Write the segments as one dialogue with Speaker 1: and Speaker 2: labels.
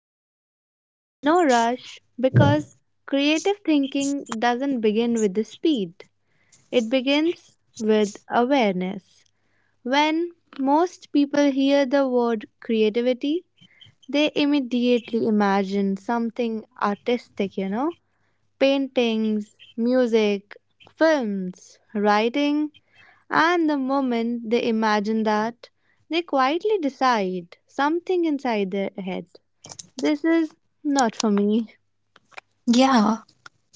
Speaker 1: slowly. No rush, because creative thinking doesn't begin with the speed, it begins with awareness. When most people hear the word creativity, they immediately imagine something artistic, paintings, music, films, writing, and the moment they imagine that, they quietly decide something inside their head. This is not for me.
Speaker 2: Yeah,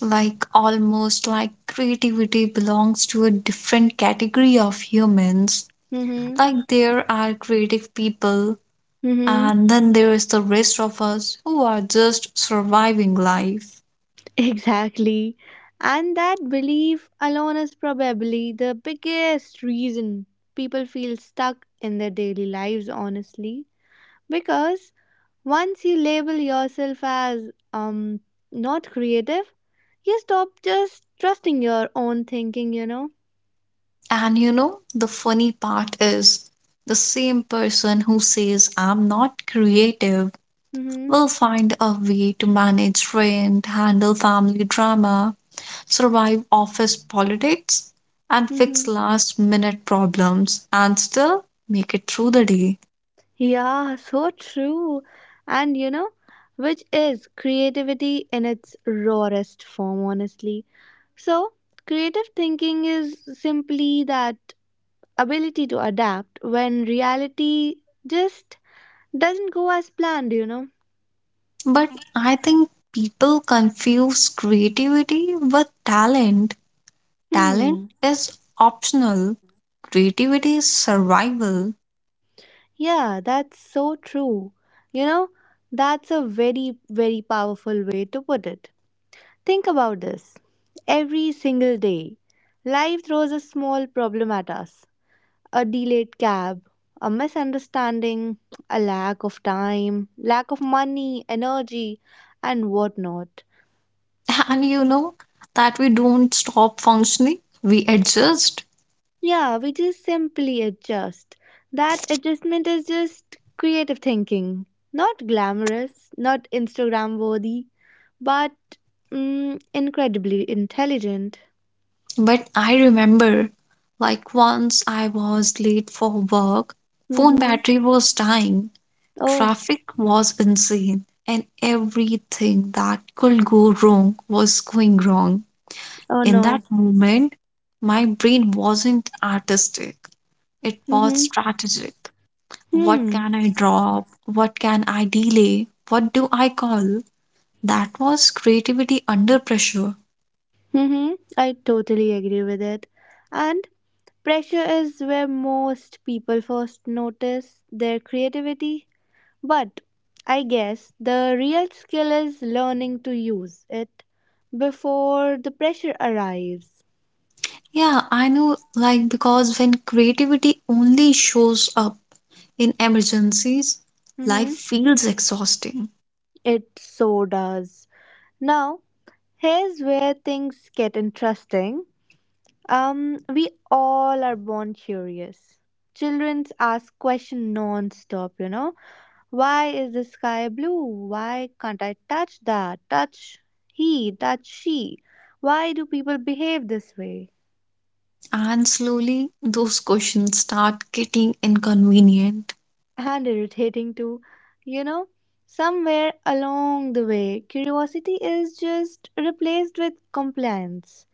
Speaker 2: like almost like creativity belongs to a different category of humans.
Speaker 1: Mm-hmm.
Speaker 2: Like there are creative people,
Speaker 1: Mm-hmm.
Speaker 2: and then there is the rest of us who are just surviving life.
Speaker 1: Exactly. And that belief alone is probably the biggest reason people feel stuck in their daily lives, honestly. Because once you label yourself as not creative, you stop just trusting your own thinking, you know?
Speaker 2: And you know, the funny part is the same person who says, I'm not creative,
Speaker 1: Mm-hmm.
Speaker 2: will find a way to manage rent, handle family drama, survive office politics, and fix
Speaker 1: Mm-hmm.
Speaker 2: last minute problems and still make it through the day.
Speaker 1: Yeah, so true. And you know, which is creativity in its rawest form, honestly. So, creative thinking is simply that ability to adapt when reality just doesn't go as planned.
Speaker 2: But I think people confuse creativity with talent.
Speaker 1: Hmm.
Speaker 2: Talent is optional, creativity is survival.
Speaker 1: Yeah, that's so true. You know, that's a very, very powerful way to put it. Think about this. Every single day, life throws a small problem at us, a delayed cab, a misunderstanding, a lack of time, lack of money, energy, and whatnot.
Speaker 2: And you know that we don't stop functioning, we adjust.
Speaker 1: Yeah, we just simply adjust. That adjustment is just creative thinking. Not glamorous, not Instagram worthy, but incredibly intelligent.
Speaker 2: But I remember, like, once I was late for work, phone
Speaker 1: Mm-hmm.
Speaker 2: battery was dying,
Speaker 1: Oh,
Speaker 2: traffic was insane, and everything that could go wrong was going wrong.
Speaker 1: oh
Speaker 2: In that
Speaker 1: no.
Speaker 2: moment, my brain wasn't artistic, it was
Speaker 1: Mm-hmm.
Speaker 2: strategic. What
Speaker 1: Hmm.
Speaker 2: can I drop? What can I delay? What do I call? That was creativity under pressure.
Speaker 1: Mm-hmm. I totally agree with it. And pressure is where most people first notice their creativity, but I guess the real skill is learning to use it before the pressure arrives.
Speaker 2: Yeah, I know, like, because when creativity only shows up in emergencies, life
Speaker 1: Hmm.
Speaker 2: feels exhausting.
Speaker 1: It so does. Now, here's where things get interesting. We all are born curious. Children ask questions non-stop. Why is the sky blue? Why can't I touch that? Touch he, touch she. Why do people behave this way?
Speaker 2: And slowly, those questions start getting inconvenient.
Speaker 1: And irritating too, you know. Somewhere along the way, curiosity is just replaced with compliance.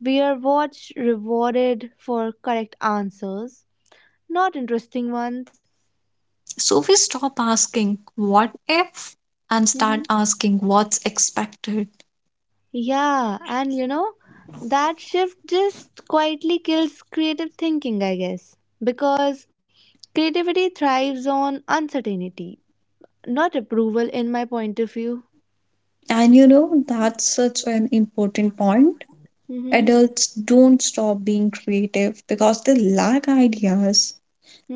Speaker 1: We are watched, rewarded for correct answers, not interesting ones.
Speaker 2: So we stop asking, what if? And
Speaker 1: Hmm.
Speaker 2: start asking, what's expected?
Speaker 1: Yeah, that shift just quietly kills creative thinking, I guess. Because creativity thrives on uncertainty, not approval, in my point of view.
Speaker 2: And you know, that's such an important point.
Speaker 1: Mm-hmm.
Speaker 2: Adults don't stop being creative because they lack ideas.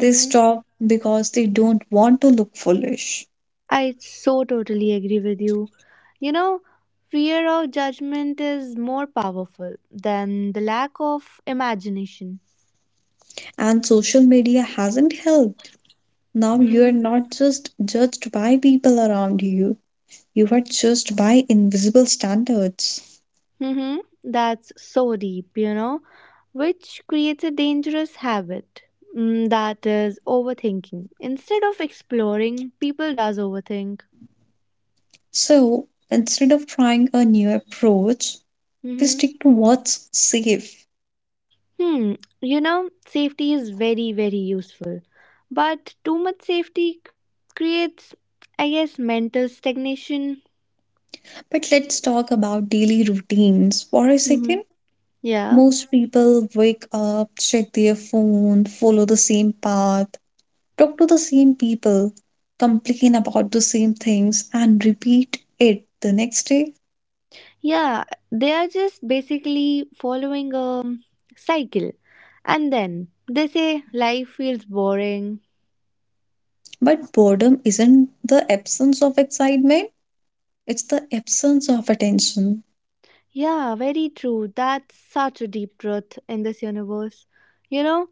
Speaker 2: They stop because they don't want to look foolish.
Speaker 1: I so totally agree with you. You know, fear of judgment is more powerful than the lack of imagination.
Speaker 2: And social media hasn't helped. Now you're
Speaker 1: Mm-hmm.
Speaker 2: not just judged by people around you, you were judged by invisible standards.
Speaker 1: Mm-hmm. That's so deep, which creates a dangerous habit. That is overthinking. Instead of exploring, people does overthink.
Speaker 2: So instead of trying a new approach, we stick to what's safe.
Speaker 1: Hmm, safety is very, very useful. But too much safety creates, I guess, mental stagnation.
Speaker 2: But let's talk about daily routines for a
Speaker 1: Hmm.
Speaker 2: second.
Speaker 1: Yeah.
Speaker 2: Most people wake up, check their phone, follow the same path, talk to the same people, complain about the same things, and repeat it the next day.
Speaker 1: Yeah, they are just basically following a cycle. And then they say life feels boring.
Speaker 2: But boredom isn't the absence of excitement, it's the absence of attention.
Speaker 1: Yeah, very true. That's such a deep truth in this universe. You know,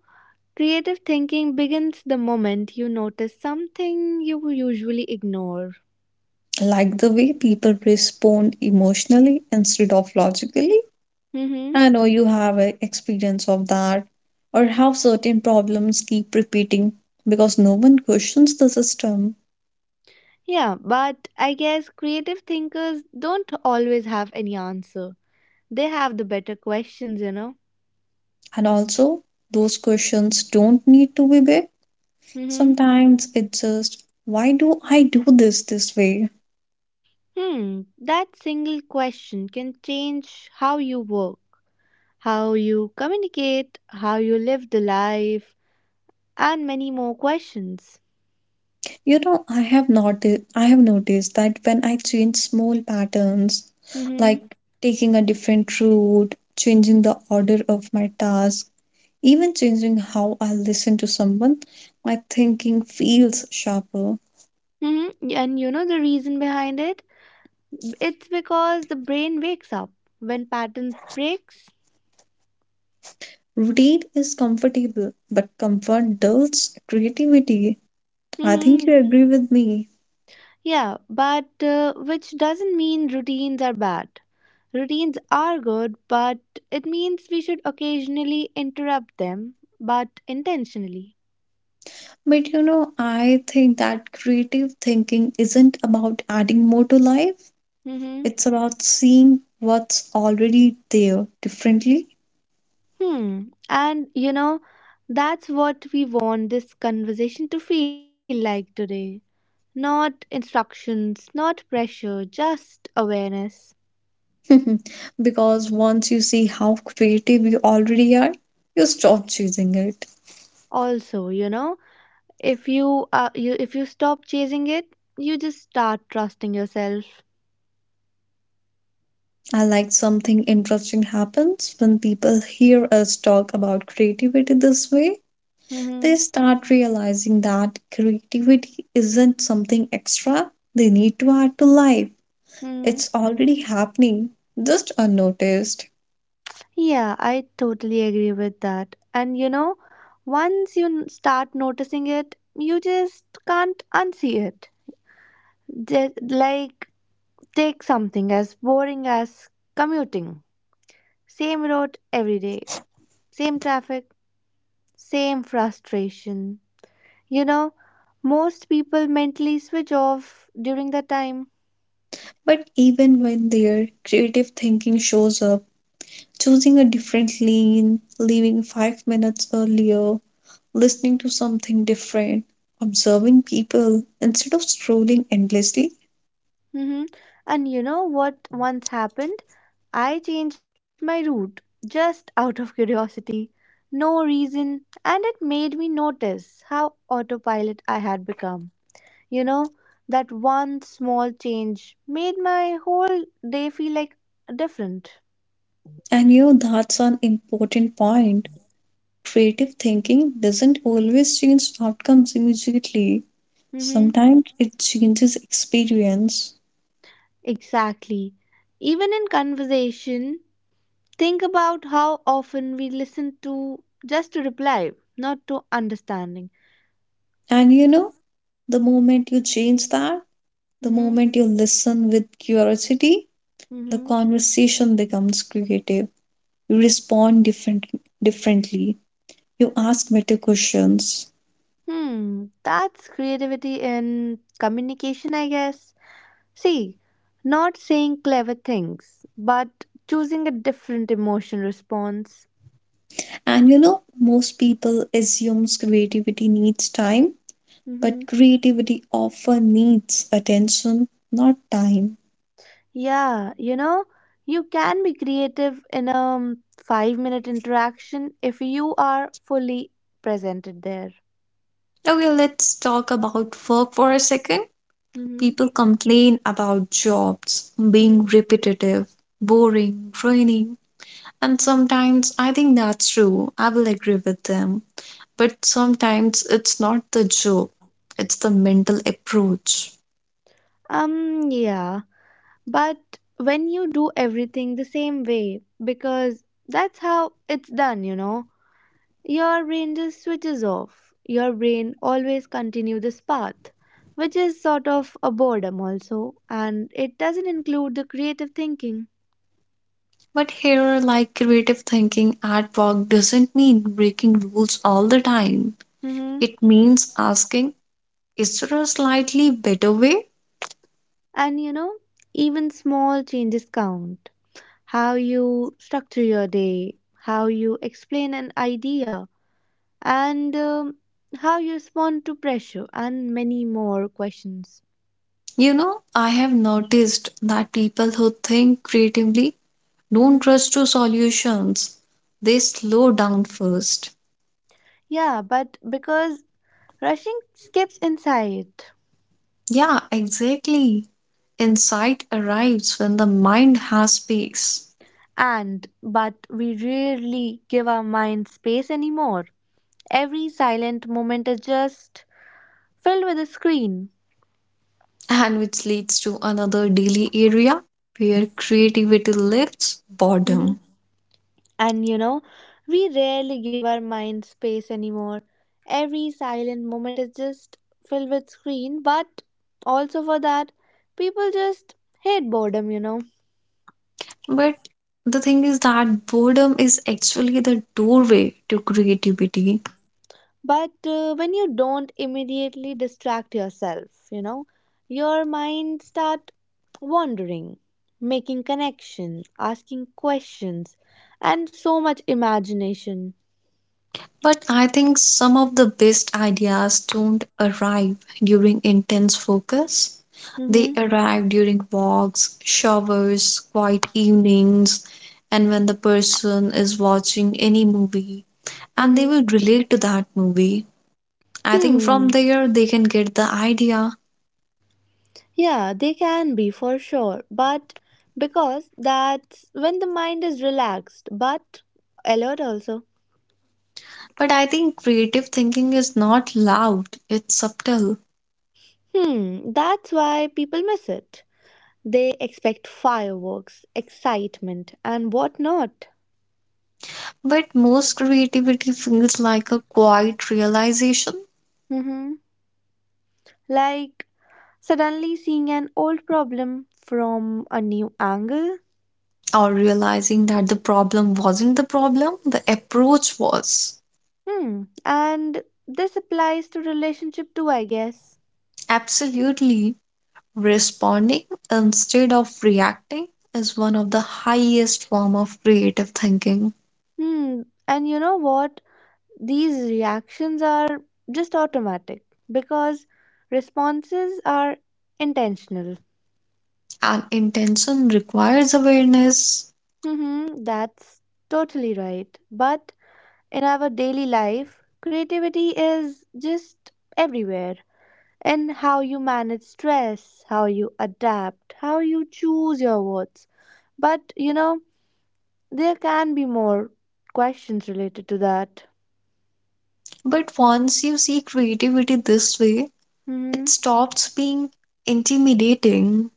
Speaker 1: creative thinking begins the moment you notice something you usually ignore.
Speaker 2: Like the way people respond emotionally instead of logically.
Speaker 1: Mm-hmm.
Speaker 2: I know you have a experience of that, or how certain problems keep repeating because no one questions the system.
Speaker 1: Yeah, but I guess creative thinkers don't always have any answer. They have the better questions.
Speaker 2: And also, those questions don't need to be big.
Speaker 1: Mm-hmm.
Speaker 2: Sometimes it's just, why do I do this this way?
Speaker 1: Hmm. That single question can change how you work, how you communicate, how you live the life, and many more questions.
Speaker 2: You know, I have noticed that when I change small patterns,
Speaker 1: Mm-hmm.
Speaker 2: like taking a different route, changing the order of my task, even changing how I listen to someone, my thinking feels sharper.
Speaker 1: Mm-hmm. And you know the reason behind it? It's because the brain wakes up when pattern breaks.
Speaker 2: Routine is comfortable, but comfort dulls creativity. I think
Speaker 1: Hmm.
Speaker 2: you agree with me.
Speaker 1: Yeah, but which doesn't mean routines are bad. Routines are good, but it means we should occasionally interrupt them, but intentionally.
Speaker 2: But you know, I think that creative thinking isn't about adding more to life,
Speaker 1: Mm-hmm.
Speaker 2: it's about seeing what's already there differently.
Speaker 1: Hmm. And you know, that's what we want this conversation to feel like today. Not instructions, not pressure, just awareness.
Speaker 2: Because once you see how creative you already are, you stop choosing it.
Speaker 1: Also, if you stop chasing it, you just start trusting yourself.
Speaker 2: I like something interesting happens when people hear us talk about creativity this way. They
Speaker 1: Mm-hmm.
Speaker 2: start realizing that creativity isn't something extra they need to add to life.
Speaker 1: Hmm.
Speaker 2: It's already happening, just unnoticed.
Speaker 1: Yeah, I totally agree with that. Once you start noticing it, you just can't unsee it. Just like take something as boring as commuting. Same road every day, same traffic, same frustration. You know, most people mentally switch off during that time.
Speaker 2: But even when their creative thinking shows up, choosing a different lane, leaving 5 minutes earlier, listening to something different, observing people instead of scrolling endlessly.
Speaker 1: Hmm. And you know what once happened? I changed my route just out of curiosity, no reason, and it made me notice how autopilot I had become. You know, that one small change made my whole day feel like different.
Speaker 2: And you know, that's an important point. Creative thinking doesn't always change outcomes immediately.
Speaker 1: Mm-hmm.
Speaker 2: Sometimes it changes experience.
Speaker 1: Exactly. Even in conversation, think about how often we listen to just to reply, not to understanding.
Speaker 2: And you know, the moment you change that, the
Speaker 1: Mm-hmm.
Speaker 2: moment you listen with curiosity, the
Speaker 1: Mm-hmm.
Speaker 2: conversation becomes creative. You respond different, differently. You ask better questions.
Speaker 1: Hmm, that's creativity in communication, I guess. See, not saying clever things, but choosing a different emotion response.
Speaker 2: And you know, most people assumes creativity needs time.
Speaker 1: Mm-hmm.
Speaker 2: But creativity often needs attention, not time.
Speaker 1: Yeah, you can be creative in a 5-minute interaction if you are fully presented there.
Speaker 2: Okay, let's talk about work for a second.
Speaker 1: Mm-hmm.
Speaker 2: People complain about jobs being repetitive, boring, draining, and sometimes I think that's true. I will agree with them. But sometimes it's not the job, it's the mental approach.
Speaker 1: Yeah, but when you do everything the same way, because that's how it's done, your brain just switches off. Your brain always continue this path, which is sort of a boredom also, and it doesn't include the creative thinking.
Speaker 2: But here, like creative thinking at work doesn't mean breaking rules all the time.
Speaker 1: Hmm.
Speaker 2: It means asking, is there a slightly better way?
Speaker 1: And you know, even small changes count. How you structure your day, how you explain an idea, and how you respond to pressure, and many more questions.
Speaker 2: You know, I have noticed that people who think creatively don't
Speaker 1: Mhm.
Speaker 2: rush to solutions. They slow down first.
Speaker 1: Yeah, but because rushing skips inside.
Speaker 2: Yeah, exactly. Insight arrives when the mind has space,
Speaker 1: And but we rarely give our mind space anymore. Every silent moment is just filled with a screen.
Speaker 2: and which leads to another daily area where creativity lives
Speaker 1: Mhm.
Speaker 2: boredom.
Speaker 1: And you know, we rarely give our mind space anymore. Every silent moment is just filled with screen, but also for that, people just hate boredom.
Speaker 2: But the thing is that boredom is actually the doorway to creativity.
Speaker 1: But when you don't immediately distract yourself, your mind start wandering, making connections, asking questions, and so much imagination.
Speaker 2: But I think some of the best ideas don't arrive during intense focus. They
Speaker 1: Mm-hmm.
Speaker 2: arrive during walks, showers, quiet evenings, and when the person is watching any movie and they
Speaker 1: Mm-hmm.
Speaker 2: will relate to that movie. I think from
Speaker 1: hmm
Speaker 2: there they can get the idea.
Speaker 1: yeah they can be for sure, but because that's when the mind is relaxed, but alert also.
Speaker 2: But I think creative thinking is not loud, it's subtle.
Speaker 1: That's why people miss it. They expect fireworks excitement and whatnot.
Speaker 2: But most creativity feels like a quiet realization,
Speaker 1: Mm-hmm. Like suddenly seeing an old problem from a new angle.
Speaker 2: or realizing that the problem wasn't the problem, the approach was.
Speaker 1: Hmm. And this applies to relationship too, I guess.
Speaker 2: Absolutely, responding instead of reacting is one of the highest form of creative thinking.
Speaker 1: Hmm. And you know what? These reactions are just automatic because responses are intentional.
Speaker 2: And intention requires awareness,
Speaker 1: Mm-hmm. That's totally right. But in our daily life, creativity is just everywhere, in how you manage stress, how you adapt, how you choose your words. But there can be more questions related to that.
Speaker 2: but once you see creativity this way, it
Speaker 1: Mm-hmm.
Speaker 2: stops being intimidating.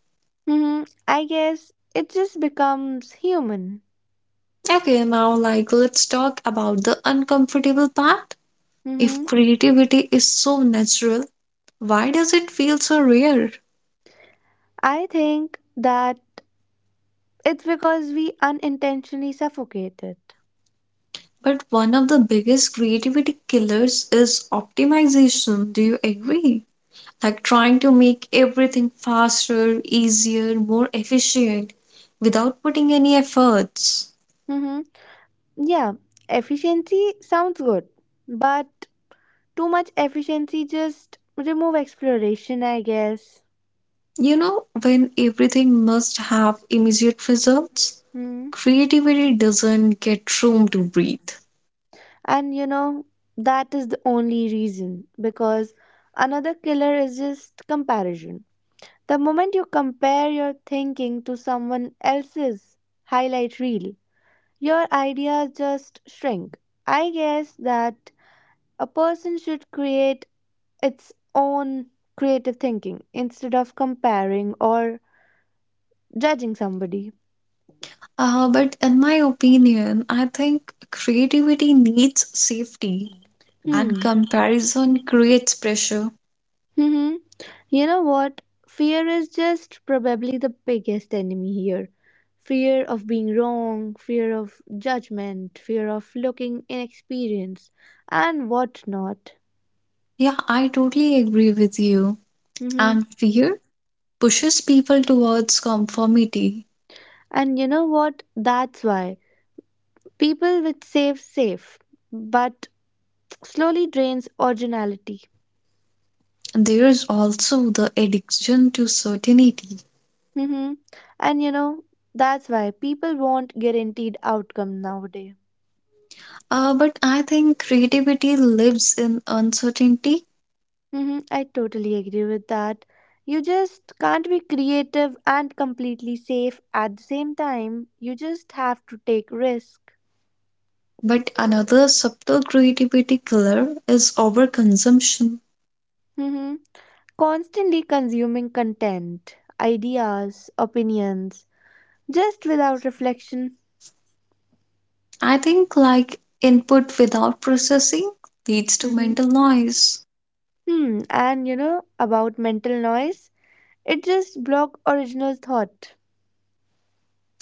Speaker 1: Mm-hmm. I guess it just becomes human.
Speaker 2: Okay, now like let's talk about the uncomfortable part. If
Speaker 1: Mm-hmm.
Speaker 2: creativity is so natural, why does it feel so rare?
Speaker 1: I think that it's because we unintentionally suffocate it.
Speaker 2: But one of the biggest creativity killers is optimization. Do you agree? Like trying to make everything faster, easier, more efficient without putting any efforts.
Speaker 1: Mm-hmm. Yeah, efficiency sounds good, but too much efficiency just remove exploration, I guess.
Speaker 2: You know, when everything must have immediate results,
Speaker 1: Mm-hmm.
Speaker 2: creativity doesn't get room to breathe.
Speaker 1: And you know, that is the only reason because another killer is just comparison. The moment you compare your thinking to someone else's highlight reel, your ideas just shrink. I guess that a person should create its own creative thinking instead of comparing or judging somebody.
Speaker 2: But in my opinion, I think creativity needs safety and
Speaker 1: Hmm.
Speaker 2: comparison creates pressure.
Speaker 1: hmm You know what? Fear is just probably the biggest enemy here. Fear of being wrong, fear of judgment, fear of looking inexperienced, and whatnot.
Speaker 2: Yeah, I totally agree with you.
Speaker 1: hmm
Speaker 2: And fear pushes people towards conformity.
Speaker 1: And you know what? That's why people with safe, but slowly drains originality.
Speaker 2: There is also the addiction to certainty.
Speaker 1: hmm And you know, that's why people want guaranteed outcome nowadays.
Speaker 2: But I think creativity lives in uncertainty.
Speaker 1: Mm-hmm, I totally agree with that. You just can't be creative and completely safe at the same time. You just have to take risk.
Speaker 2: But another subtle creativity killer is overconsumption.
Speaker 1: Mm-hmm. Constantly consuming content, ideas, opinions, just without reflection.
Speaker 2: I think like input without processing leads to
Speaker 1: Mm-hmm.
Speaker 2: mental noise.
Speaker 1: Hmm. And you know about mental noise? It just block original thought.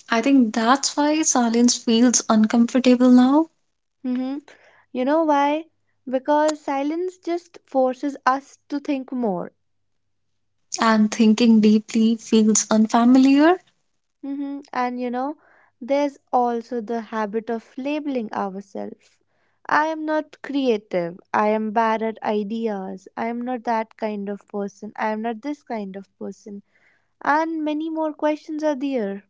Speaker 2: I think that's why silence feels uncomfortable now,
Speaker 1: Mm-hmm. You know why? Because silence just forces us to think more.
Speaker 2: and thinking deeply feels unfamiliar.
Speaker 1: Hmm And you know, there's also the habit of labeling ourselves. I am not creative. I am bad at ideas. I am not that kind of person. I am not this kind of person. And many more questions are there.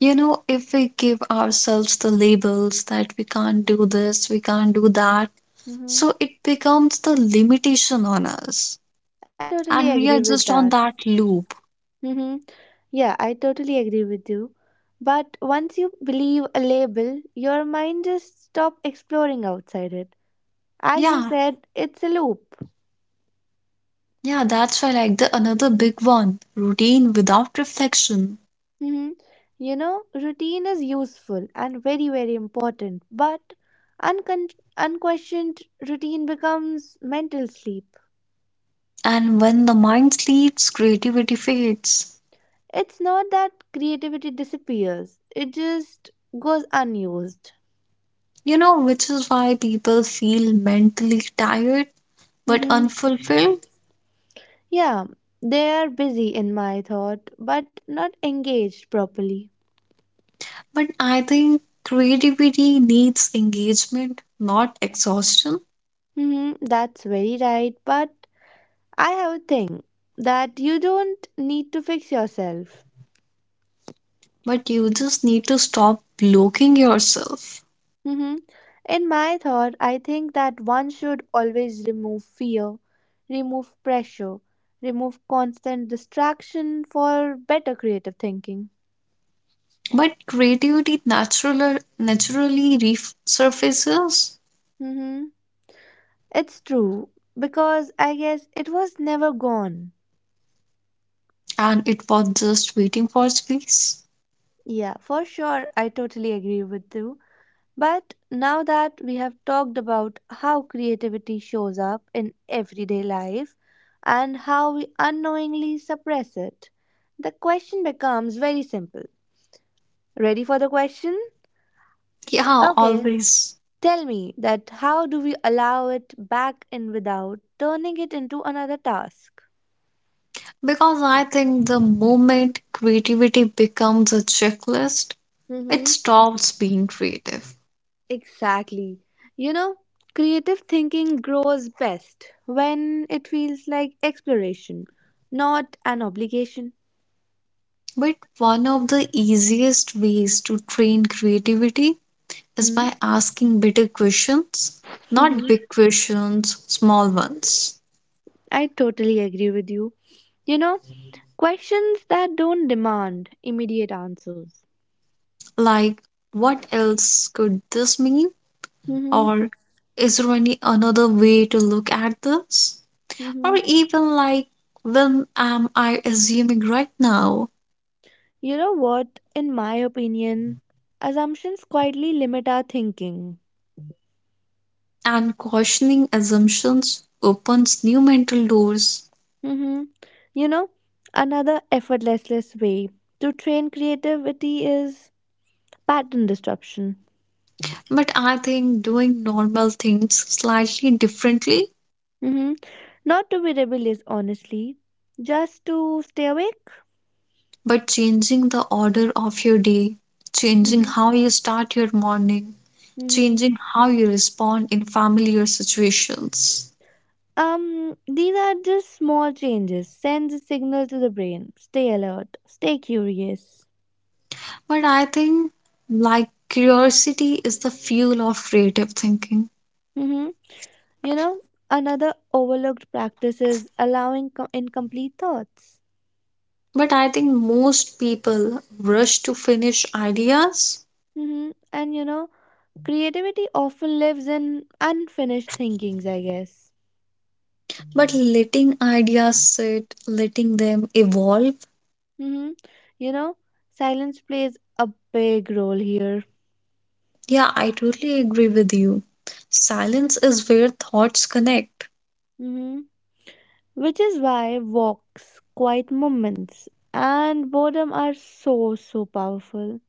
Speaker 2: You know, if we give ourselves the labels that we can't do this, we can't do that,
Speaker 1: hmm
Speaker 2: so it becomes the limitation on us.
Speaker 1: I totally
Speaker 2: And we
Speaker 1: agree
Speaker 2: are
Speaker 1: with
Speaker 2: just on
Speaker 1: that.
Speaker 2: that loop.
Speaker 1: Hmm, yeah, I totally agree with you. But once you believe a label, your mind just stop exploring outside it. As you
Speaker 2: Yeah,
Speaker 1: said, it's a loop.
Speaker 2: yeah, that's why like the another big one, routine without reflection.
Speaker 1: hmm routine is useful and very, very important, but uncon- unquestioned routine becomes mental sleep.
Speaker 2: And when the mind sleeps, creativity fades.
Speaker 1: It's not that creativity disappears, it just goes unused.
Speaker 2: You know, which is why people feel mentally tired but
Speaker 1: hmm
Speaker 2: unfulfilled.
Speaker 1: Yeah, they are busy in my thought, but not engaged properly.
Speaker 2: But I think creativity needs engagement, not exhaustion.
Speaker 1: That's very right, but I have a thing that you don't need to fix yourself.
Speaker 2: But you just need to stop blocking yourself.
Speaker 1: hmm In my thought, I think that one should always remove fear, remove pressure, remove constant distraction for better creative thinking.
Speaker 2: But naturally resurfaces
Speaker 1: hmm It's true, because I guess it was never gone.
Speaker 2: and it was just waiting for space.
Speaker 1: Yeah, for sure, I totally agree with you. But now that we have talked about how creativity shows up in everyday life and how we unknowingly suppress it, the question becomes very simple. Ready for the question?
Speaker 2: Yeah,
Speaker 1: Okay,
Speaker 2: always.
Speaker 1: tell me that how do we allow it back in without turning it into another task?
Speaker 2: Because I think the moment creativity becomes a checklist, it
Speaker 1: Mm-hmm.
Speaker 2: stops being creative.
Speaker 1: Exactly. You know, creative thinking grows best when it feels like exploration, not an obligation.
Speaker 2: But one of the easiest ways to train creativity is by asking better questions, not
Speaker 1: Mm-hmm.
Speaker 2: big questions, small ones.
Speaker 1: I totally agree with you. You know, questions that don't demand immediate answers.
Speaker 2: Like, what else could this mean?
Speaker 1: Mm-hmm.
Speaker 2: Or is there any another way to look at this? Or even like, when am I assuming right now?
Speaker 1: You know what? In my opinion, assumptions quietly limit our thinking.
Speaker 2: And questioning assumptions opens new mental doors.
Speaker 1: Mm-hmm. You know, another effortless way to train creativity is pattern disruption.
Speaker 2: But I think doing normal things slightly differently,
Speaker 1: Mm-hmm. Not to be rebellious, honestly, just to stay awake.
Speaker 2: but changing the order of your day, changing how
Speaker 1: Mm-hmm.
Speaker 2: you start your morning,
Speaker 1: Mm-hmm.
Speaker 2: changing how you respond in familiar situations.
Speaker 1: These are just small changes. Send the signal to the brain. Stay alert. Stay curious.
Speaker 2: But I think like curiosity is the fuel of creative thinking.
Speaker 1: Mm-hmm. You know, another overlooked practice is allowing incomplete thoughts.
Speaker 2: But I think most people rush to finish ideas,
Speaker 1: hmm And you know, creativity often lives in unfinished thinkings, I guess.
Speaker 2: but letting ideas sit, letting them evolve.
Speaker 1: hmm You know, silence plays a big role here.
Speaker 2: Yeah, I totally agree with you. Silence is where thoughts connect.
Speaker 1: hmm Which is why walks, quiet moments, and boredom are so, so powerful.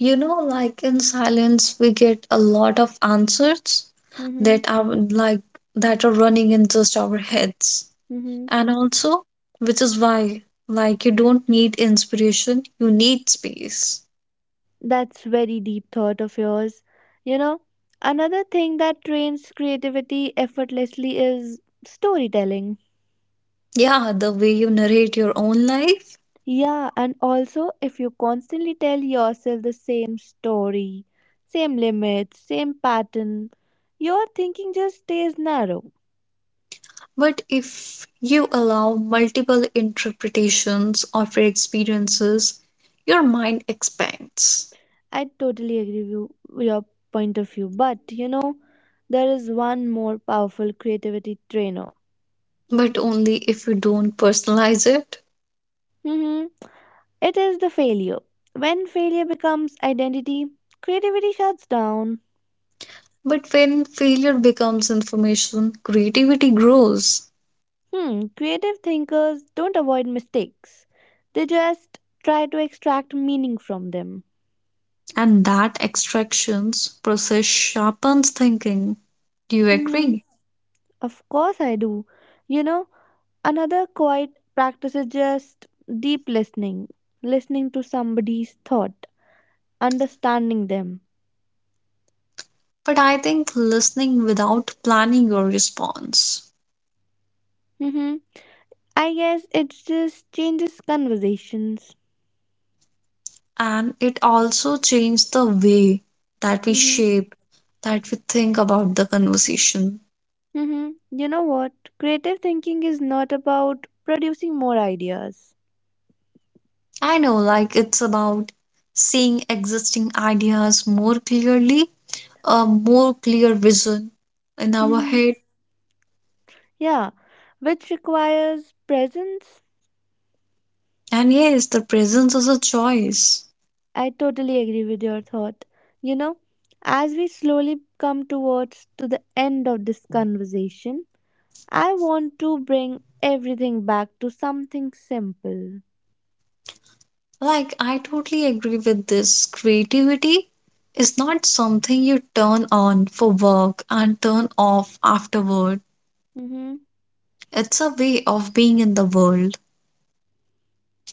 Speaker 2: You know, like in silence, we get a lot of answers
Speaker 1: hmm
Speaker 2: that are running in just our heads.
Speaker 1: hmm
Speaker 2: And also, which is why, like, you don't need inspiration, you need space.
Speaker 1: That's very deep thought of yours. You know, another thing that trains creativity effortlessly is storytelling.
Speaker 2: Yeah, the way you narrate your own life.
Speaker 1: Yeah, and also if you constantly tell yourself the same story, same limits, same pattern, your thinking just stays narrow.
Speaker 2: But if you allow multiple interpretations of your experiences, your mind expands.
Speaker 1: I totally agree with with your point of view, but there is one more powerful creativity trainer.
Speaker 2: But only if you don't personalize it.
Speaker 1: It is the failure. When failure becomes identity, creativity shuts down.
Speaker 2: But when failure becomes information, creativity grows.
Speaker 1: Hmm, creative thinkers don't avoid mistakes. They just try to extract meaning from them.
Speaker 2: And that extractions process sharpens thinking. Do you
Speaker 1: Mm-hmm.
Speaker 2: agree?
Speaker 1: Of course I do. You know, another quiet practice is just deep listening. Listening to somebody's thought, understanding them.
Speaker 2: But I think listening without planning your response.
Speaker 1: Mm-hmm. I guess it just changes conversations.
Speaker 2: And it also changed the way that we shape, that we think about the conversation.
Speaker 1: Mm-hmm. You know what? Creative thinking is not about producing more ideas.
Speaker 2: I know, like, it's about seeing existing ideas more clearly, a more clear vision in our head.
Speaker 1: Mm-hmm. Yeah, which requires presence.
Speaker 2: And yes, the presence is a choice.
Speaker 1: I totally agree with your thought. You know, as we slowly come towards to the end of this conversation, I want to bring everything back to something simple.
Speaker 2: Like, I totally agree with this. Creativity is not something you turn on for work and turn off afterward.
Speaker 1: Mm-hmm.
Speaker 2: It's a way of being in the world.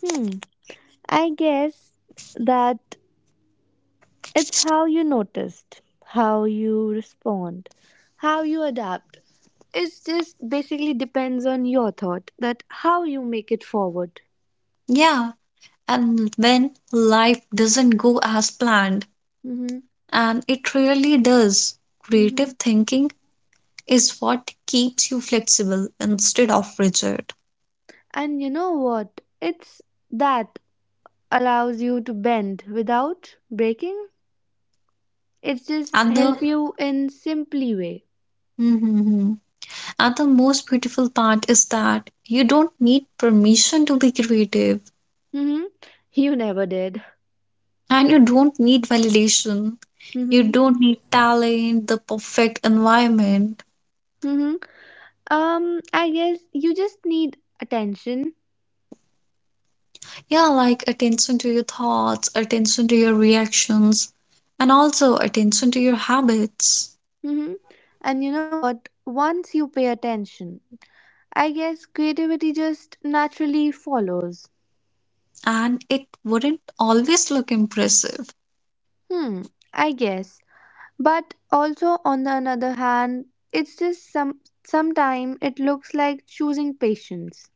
Speaker 1: Hmm. I guess that it's how you noticed, how you respond, how you adapt. It just basically depends on your thought that how you make it forward.
Speaker 2: Yeah, and when life doesn't go as planned,
Speaker 1: Mm-hmm.
Speaker 2: and it really does,
Speaker 1: Mm-hmm.
Speaker 2: creative thinking is what keeps you flexible instead of rigid.
Speaker 1: And you know what? It's that allows you to bend without breaking. It's just
Speaker 2: And the
Speaker 1: help you in simply way.
Speaker 2: Mhm. And the most beautiful part is that you don't need permission to be creative.
Speaker 1: Mm-hmm. You never did.
Speaker 2: And you don't need validation. You
Speaker 1: Mm-hmm.
Speaker 2: don't need talent, the perfect environment.
Speaker 1: Mm-hmm. I guess you just need attention.
Speaker 2: Yeah, like attention to your thoughts, attention to your reactions, and also attention to your habits.
Speaker 1: hmm And you know what? Once you pay attention, I guess creativity just naturally follows.
Speaker 2: And it wouldn't always look impressive.
Speaker 1: Hmm, I guess. But also on the another hand, it's just sometime it looks like choosing patience.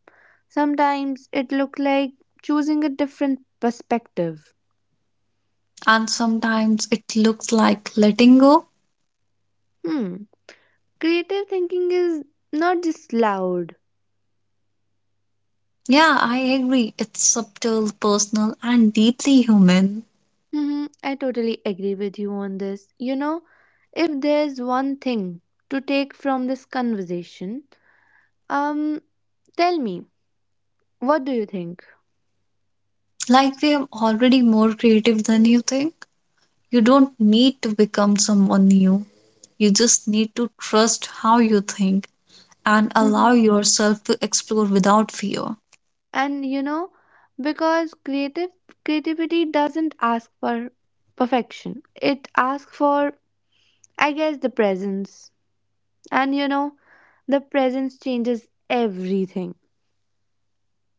Speaker 1: Sometimes it looks like choosing a different perspective.
Speaker 2: And sometimes it looks like letting go.
Speaker 1: Hmm. Creative thinking is not just loud.
Speaker 2: Yeah, I agree. It's subtle, personal, and deeply human.
Speaker 1: I totally agree with you on this. If there's one thing to take from this conversation, um, tell me, what do you think?
Speaker 2: Like we are already more creative than you think. You don't need to become someone new. You just need to trust how you think and
Speaker 1: hmm
Speaker 2: allow yourself to explore without fear.
Speaker 1: And you know, because creative creativity doesn't ask for perfection. It asks for, I guess, the presence. And you know, the presence changes everything.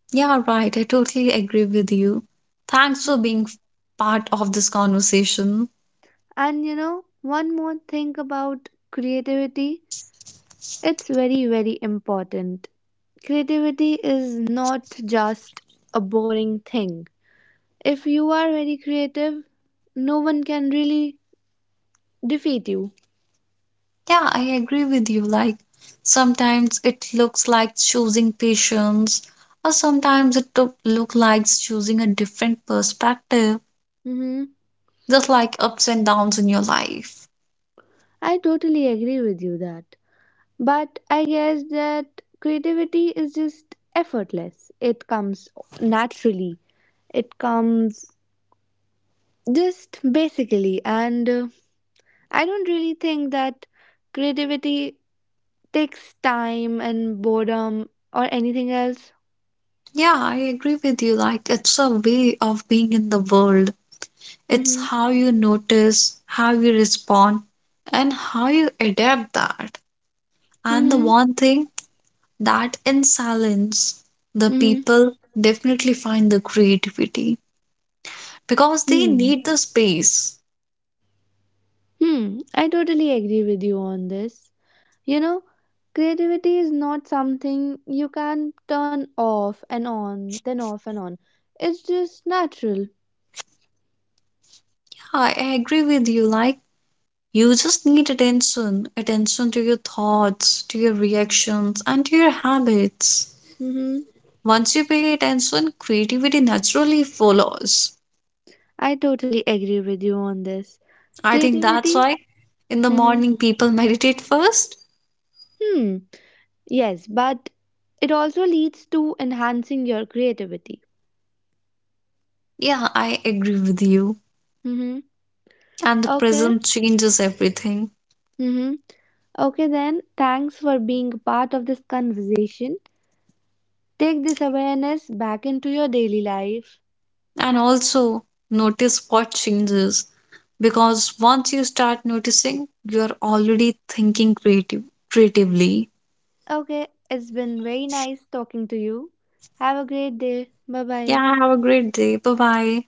Speaker 2: Yeah, right. I totally agree with you. Thanks for being part of this conversation.
Speaker 1: One more thing about creativity. It's very, very important. Creativity is not just a boring thing. If you are very creative, no one can really defeat you.
Speaker 2: Yeah, I agree with you. Like, sometimes it looks like choosing patience, or sometimes it took- look like choosing a different perspective,
Speaker 1: hmm
Speaker 2: just like ups and downs in your life.
Speaker 1: I totally agree with you that. But I guess that creativity is just effortless. It comes naturally. It comes just basically. And I don't really think that creativity takes time and boredom or anything else.
Speaker 2: Yeah, I agree with you. Like, it's a way of being in the world. It's
Speaker 1: Mm-hmm.
Speaker 2: how you notice, how you respond, and how you adapt that. And the
Speaker 1: Mm-hmm.
Speaker 2: one thing that in silence, the
Speaker 1: Mm-hmm.
Speaker 2: people definitely find the creativity because they
Speaker 1: Hmm.
Speaker 2: need the space.
Speaker 1: Hmm. I totally agree with you on this. You know, creativity is not something you can turn off and on, then off and on. It's just natural.
Speaker 2: Yeah, I agree with you. Like, you just need attention to your thoughts, to your reactions, and to your habits.
Speaker 1: Mm-hmm.
Speaker 2: Once you pay attention, creativity naturally follows.
Speaker 1: I totally agree with you on this.
Speaker 2: I think that's
Speaker 1: Creativity?
Speaker 2: why in the
Speaker 1: Mm-hmm.
Speaker 2: morning people meditate first.
Speaker 1: Hmm. Yes, but it also leads to enhancing your creativity.
Speaker 2: Yeah, I agree with you.
Speaker 1: Mm-hmm.
Speaker 2: And the
Speaker 1: Okay.
Speaker 2: present changes everything.
Speaker 1: Mm-hmm. Okay, then, thanks for being part of this conversation. Take this awareness back into your daily life.
Speaker 2: And also notice what changes. Because once you start noticing, you are already thinking creatively.
Speaker 1: Okay, it's been very nice talking to you. Have a great day. Bye bye.
Speaker 2: Yeah, have a great day. Bye bye.